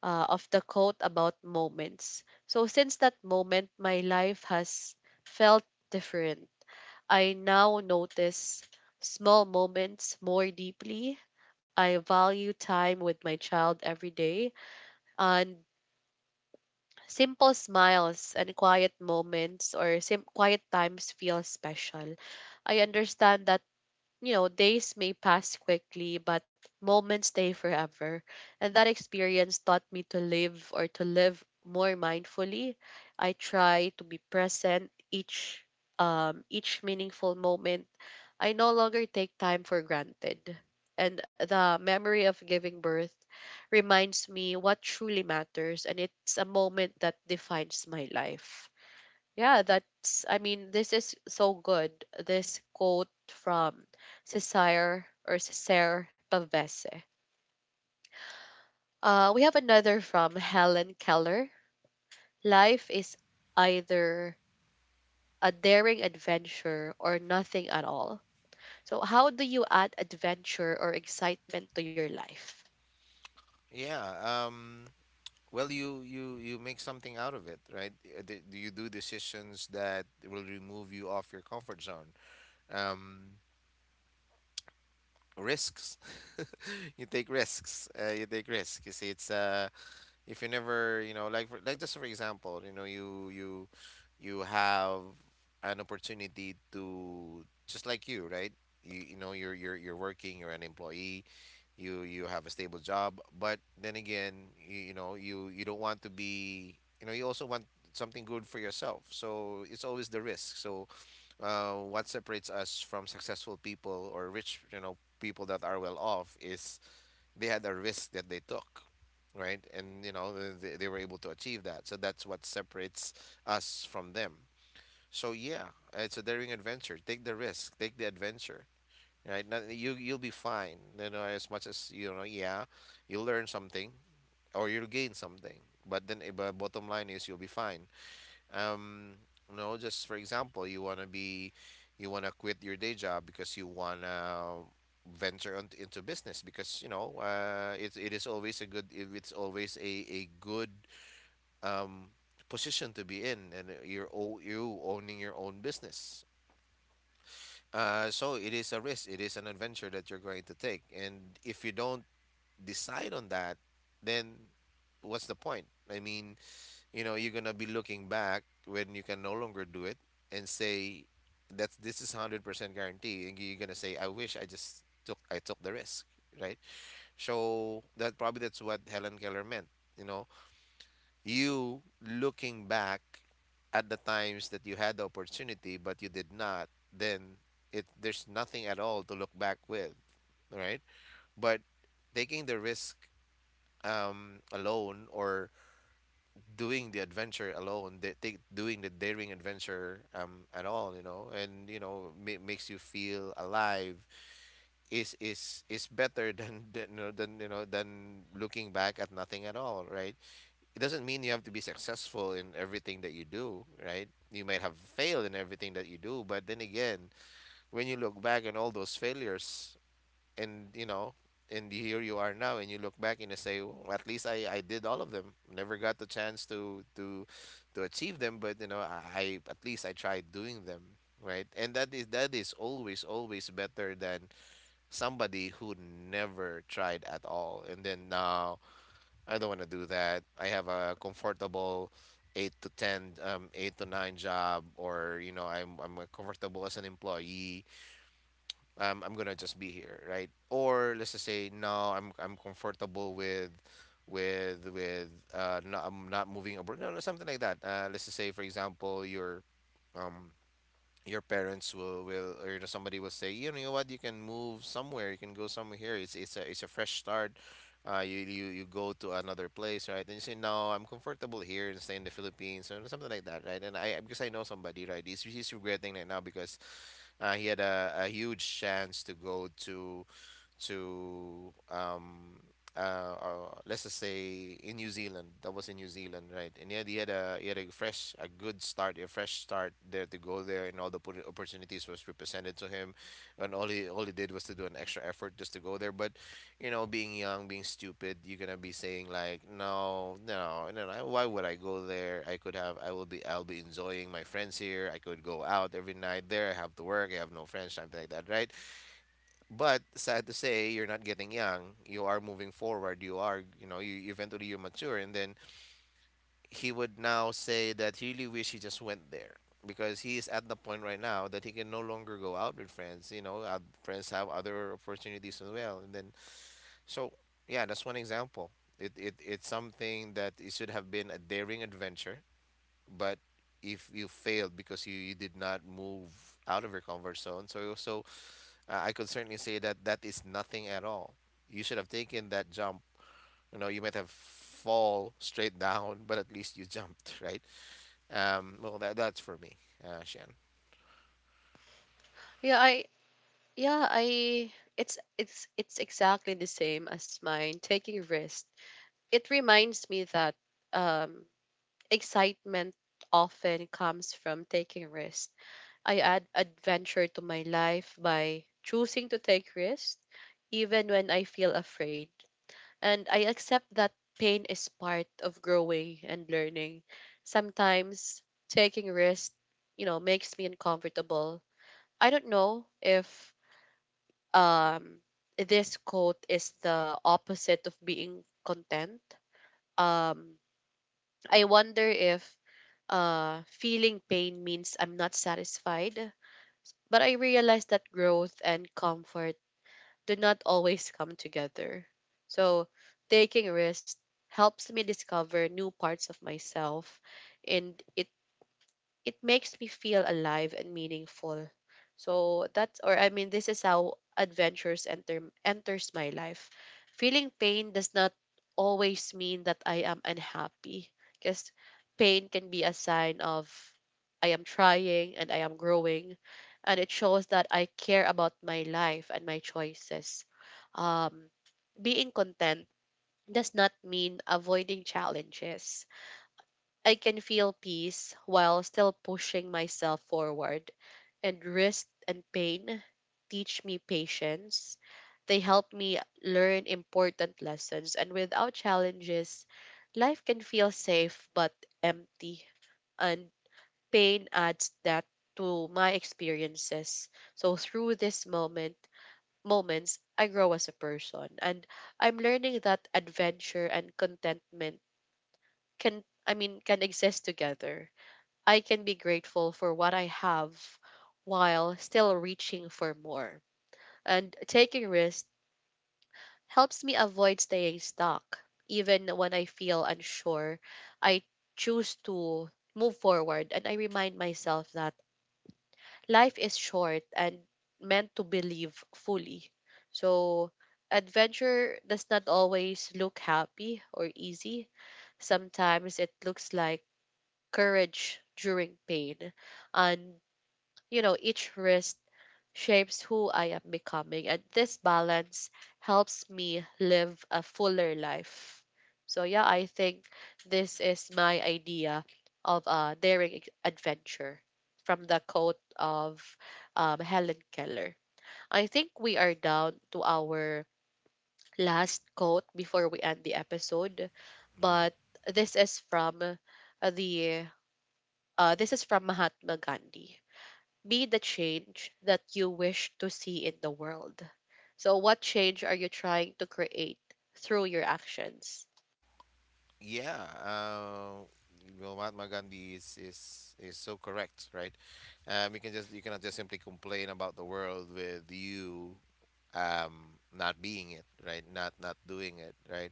Speaker 1: of the quote about moments. So, since that moment, my life has felt different. I now notice small moments more deeply. I value time with my child every day, and simple smiles and quiet moments, or quiet times, feel special. I understand that, you know, days may pass quickly, but moments stay forever. And that experience taught me to live, or to live more mindfully. I try to be present each, each meaningful moment. I no longer take time for granted. And the memory of giving birth reminds me what truly matters, and it's a moment that defines my life. Yeah, that's, I mean, this is so good. This quote from Cesare, or Cesare Pavese. We have another from Helen Keller. Life is either a daring adventure or nothing at all. So how do you add adventure or excitement to your life?
Speaker 2: Yeah, um, well, you make something out of it, right? D- do you do decisions that will remove you off your comfort zone? um, risks. <laughs> You take risks. You take risks. You see, it's if you never, you know, like, for, like, just for example, you know, you have an opportunity to just, like, you, right? You know, you're working, you're an employee. You have a stable job, but then again, you know, you don't want to be, you know, you also want something good for yourself, so it's always the risk. So what separates us from successful people, or rich, you know, people that are well off, is they had a risk that they took, right? And you know, they were able to achieve that. So that's what separates us from them. So yeah, it's a daring adventure. Take the risk. Take the adventure. Right? Not- You you'll be fine. You know, as much as you know, yeah, you'll learn something or you'll gain something. But then, but bottom line is you'll be fine. Um, you know, just for example, you want to be, you want to quit your day job because you want to venture on, into business, because you know it is always a good, it's always a good um, position to be in. And you're you owning your own business, so it is a risk, it is an adventure that you're going to take. And if you don't decide on that, then what's the point, I mean? You know, you're gonna be looking back when you can no longer do it and say, that's, this is 100% guarantee, and you're gonna say, I wish I just took, I took the risk, right? So that probably that's what Helen Keller meant. You know, you looking back at the times that you had the opportunity but you did not, then it, there's nothing at all to look back with, right? But taking the risk alone or doing the adventure alone, they take doing the daring adventure, at all, you know, and you know, makes you feel alive, is better <laughs> than, you know, than you know, than looking back at nothing at all, right? It doesn't mean you have to be successful in everything that you do, right? You might have failed in everything that you do, but then again, when you look back on all those failures, and you know, and here you are now, and you look back and you say, well, at least I did all of them, never got the chance to to achieve them, but you know, I at least I tried doing them, right? And that is, that is always, always better than somebody who never tried at all. And then now, I don't want to do that, I have a comfortable 8 to 10, 8 to 9 job, or you know, I'm comfortable as an employee. I'm gonna just be here, right? Or let's just say no, I'm comfortable with no, I'm not moving abroad, no, no, something like that. Let's just say for example, um your parents will or, you know, somebody will say, you know what, you can move somewhere, you can go somewhere, here it's a, it's a fresh start. You you, you go to another place, right? And you say, no, I'm comfortable here, and stay in the Philippines or something like that, right? And I, because I know somebody, right, he's regretting right now, because he had a huge chance to go to to um uh, let's just say in New Zealand. That was in New Zealand, right? And he had, he had a, he had a fresh, a good start, a fresh start there, to go there, and all the opportunities was represented to him, and all he, all he did was to do an extra effort just to go there. But you know, being young, being stupid, you're gonna be saying like, no, no, no, no. Why would I go there? I could have, I will be, I'll be enjoying my friends here. I could go out every night there. I have to work. I have no friends, something like that, right? But sad to say, you're not getting young. You are moving forward. You are, you know, you eventually you mature, and then he would now say that he really wish he just went there, because he is at the point right now that he can no longer go out with friends. You know, friends have other opportunities as well, and then so yeah, that's one example. It's something that it should have been a daring adventure, but if you failed because you did not move out of your comfort zone, so so I could certainly say that that is nothing at all. You should have taken that jump. You know, you might have fall straight down, but at least you jumped, <laughs> right? Well, that's for me, Shannon.
Speaker 1: Yeah, I yeah, I it's it's exactly the same as mine, taking risks. It reminds me that, um, excitement often comes from taking risks. I add adventure to my life by choosing to take risks, even when I feel afraid. And I accept that pain is part of growing and learning. Sometimes taking risks, you know, makes me uncomfortable. I don't know if, um, this quote is the opposite of being content. Um, I wonder if, feeling pain means I'm not satisfied. But I realize that growth and comfort do not always come together. So taking risks helps me discover new parts of myself, and it makes me feel alive and meaningful. So that's, or I mean, this is how adventures enter enters my life. Feeling pain does not always mean that I am unhappy, because pain can be a sign of I am trying and I am growing, and it shows that I care about my life and my choices. Um, being content does not mean avoiding challenges. I can feel peace while still pushing myself forward. And risk and pain teach me patience. They help me learn important lessons. And without challenges, life can feel safe but empty. And pain adds that to my experiences. So through this moment, moments, I grow as a person. And I'm learning that adventure and contentment can, I mean, can exist together. I can be grateful for what I have while still reaching for more. And taking risks helps me avoid staying stuck. Even when I feel unsure, I choose to move forward, and I remind myself that life is short and meant to believe fully. So, adventure does not always look happy or easy. Sometimes it looks like courage during pain, and, you know, each risk shapes who I am becoming. And this balance helps me live a fuller life. So, yeah, I think this is my idea of a daring adventure from the quote of, Helen Keller. I think we are down to our last quote before we end the episode, but this is from the, this is from Mahatma Gandhi. Be the change that you wish to see in the world. So, what change are you trying to create through your actions?
Speaker 2: Yeah, well, Mahatma Gandhi is so correct, right? You can just, you cannot just simply complain about the world with you not being it, right? Not, not doing it, right?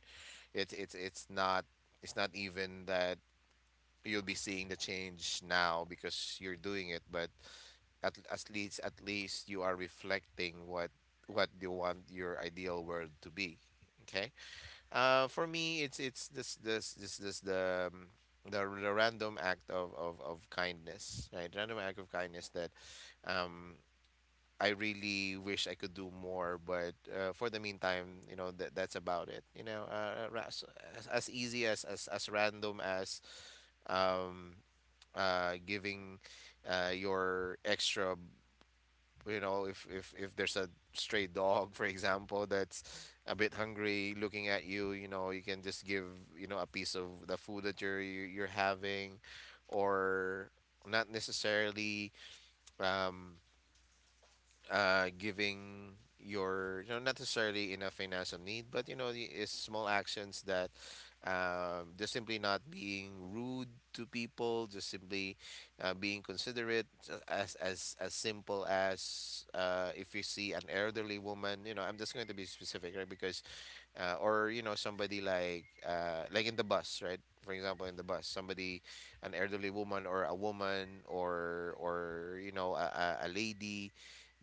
Speaker 2: It's it's not, it's not even that you'll be seeing the change now because you're doing it, but at least, at least you are reflecting what you want your ideal world to be. Okay. For me, it's this this this this the, the random act of kindness, right? Random act of kindness that, um, I really wish I could do more, but for the meantime, you know, that that's about it. You know, as easy as, as random as, um, giving, your extra, you know, if there's a stray dog for example that's a bit hungry looking at you, you know, you can just give, you know, a piece of the food that you're you're having, or not necessarily um giving your, you know, not necessarily in a financial need, but you know, it's small actions that, just simply not being rude to people, just simply, being considerate, as simple as, if you see an elderly woman, you know, I'm just going to be specific, right, because or you know somebody, like in the bus, right, for example, in the bus, somebody, an elderly woman or a woman or you know, a lady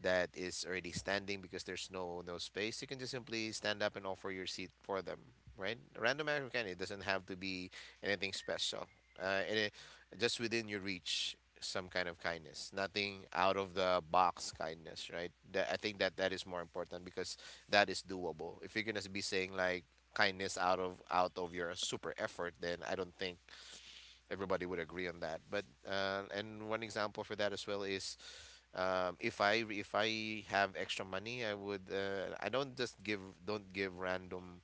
Speaker 2: that is already standing because there's no, no space, you can just simply stand up and offer your seat for them, right? Random act of kindness. It doesn't have to be anything special. And it, just within your reach, some kind of kindness. Nothing out of the box kindness, right? That, I think that, that is more important because that is doable. If you're gonna be saying like kindness out of, out of your super effort, then I don't think everybody would agree on that. But and one example for that as well is if I, if I have extra money, I would I don't just give, don't give random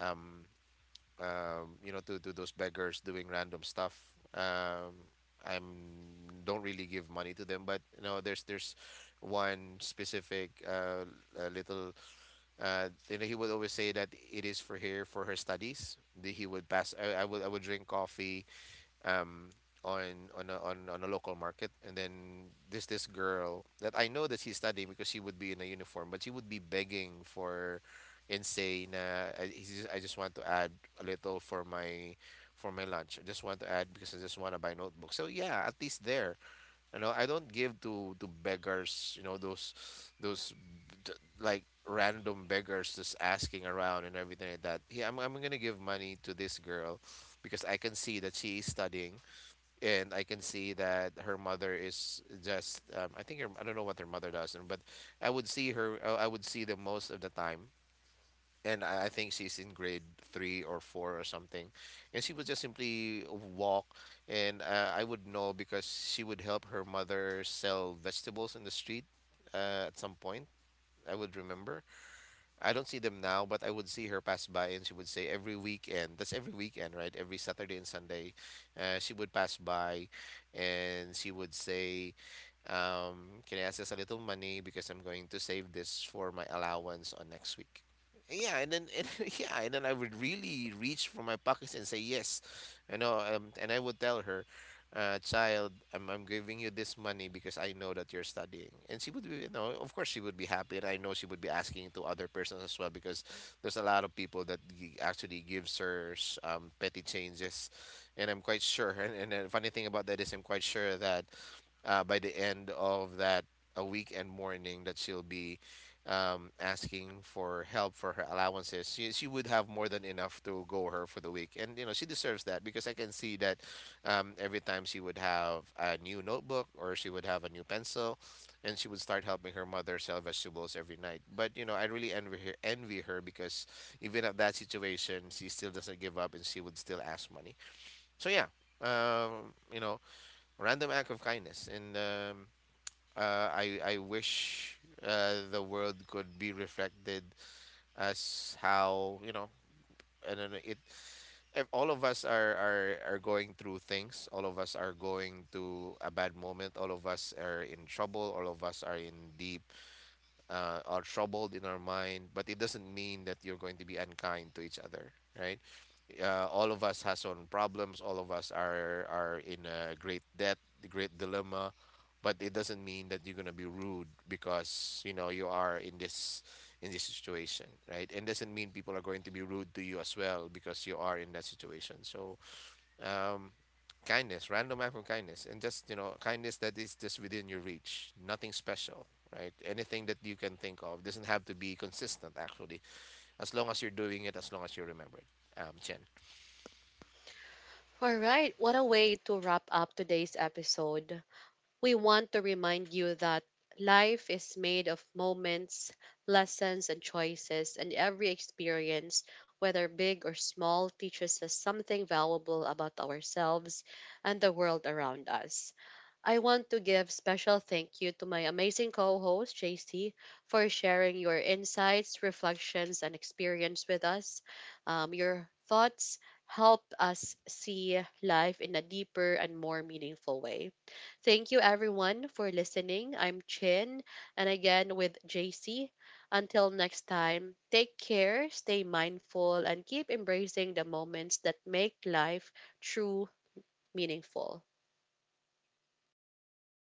Speaker 2: um, you know, to those beggars doing random stuff. Um, I'm, don't really give money to them, but you know, there's one specific little you know, he would always say that it is for her, for her studies. He would pass, I, I would drink coffee um, on a local market, and then there's this girl that I know that she's studying, because she would be in a uniform, but she would be begging for, and say, na, I, I just want to add a little for my, for my lunch. I just want to add because I just want to buy notebooks. So yeah, at least there, you know, I don't give to beggars. You know those, like random beggars just asking around and everything like that. Yeah, I'm gonna give money to this girl because I can see that she is studying, and I can see that her mother is just, I think her, I don't know what her mother does, but I would see her, I would see them most of the time. And I think she's in grade three or four or something, and she would just simply walk, and I would know because she would help her mother sell vegetables in the street at some point. I would remember, I don't see them now, but I would see her pass by, and she would say every weekend. That's every weekend, right? Every Saturday and Sunday, she would pass by, and she would say, "Can I ask us a little money because I'm going to save this for my allowance on next week?" Yeah, and then and, <laughs> yeah, and then I would really reach for my pockets and say yes, you know, and I would tell her, child, I'm giving you this money because I know that you're studying. And she would be, you know, of course she would be happy. And I know she would be asking to other persons as well, because there's a lot of people that actually gives her petty changes. And I'm quite sure. And the funny thing about that is, I'm quite sure that by the end of that, a weekend morning that she'll be, asking for help for her allowances, she would have more than enough to go her for the week, and you know she deserves that, because I can see that, every time she would have a new notebook, or she would have a new pencil, and she would start helping her mother sell vegetables every night. But you know, I really envy her, envy her, because even at that situation, she still doesn't give up, and she would still ask money. So yeah, you know, random act of kindness, and I wish the world could be reflected as, how you know, and then it, all of us are, are going through things, all of us are going to a bad moment, all of us are in trouble, all of us are in deep, are troubled in our mind, but it doesn't mean that you're going to be unkind to each other, right? All of us has own problems, all of us are in a great debt, great dilemma, but it doesn't mean that you're gonna be rude because you know you are in this, in this situation, right? And doesn't mean people are going to be rude to you as well because you are in that situation. So um kindness, random act of kindness, and just you know, kindness that is just within your reach, nothing special, right? Anything that you can think of, doesn't have to be consistent actually, as long as you're doing it, as long as you remember it. Chen.
Speaker 1: All right, what a way to wrap up today's episode. We want to remind you that life is made of moments, lessons, and choices, and every experience, whether big or small, teaches us something valuable about ourselves and the world around us. I want to give special thank you to my amazing co-host JC for sharing your insights, reflections, and experience with us. Your thoughts help us see life in a deeper and more meaningful way. Thank you everyone for listening. I'm Chin and again with JC. Until next time, take care, stay mindful, and keep embracing the moments that make life true meaningful.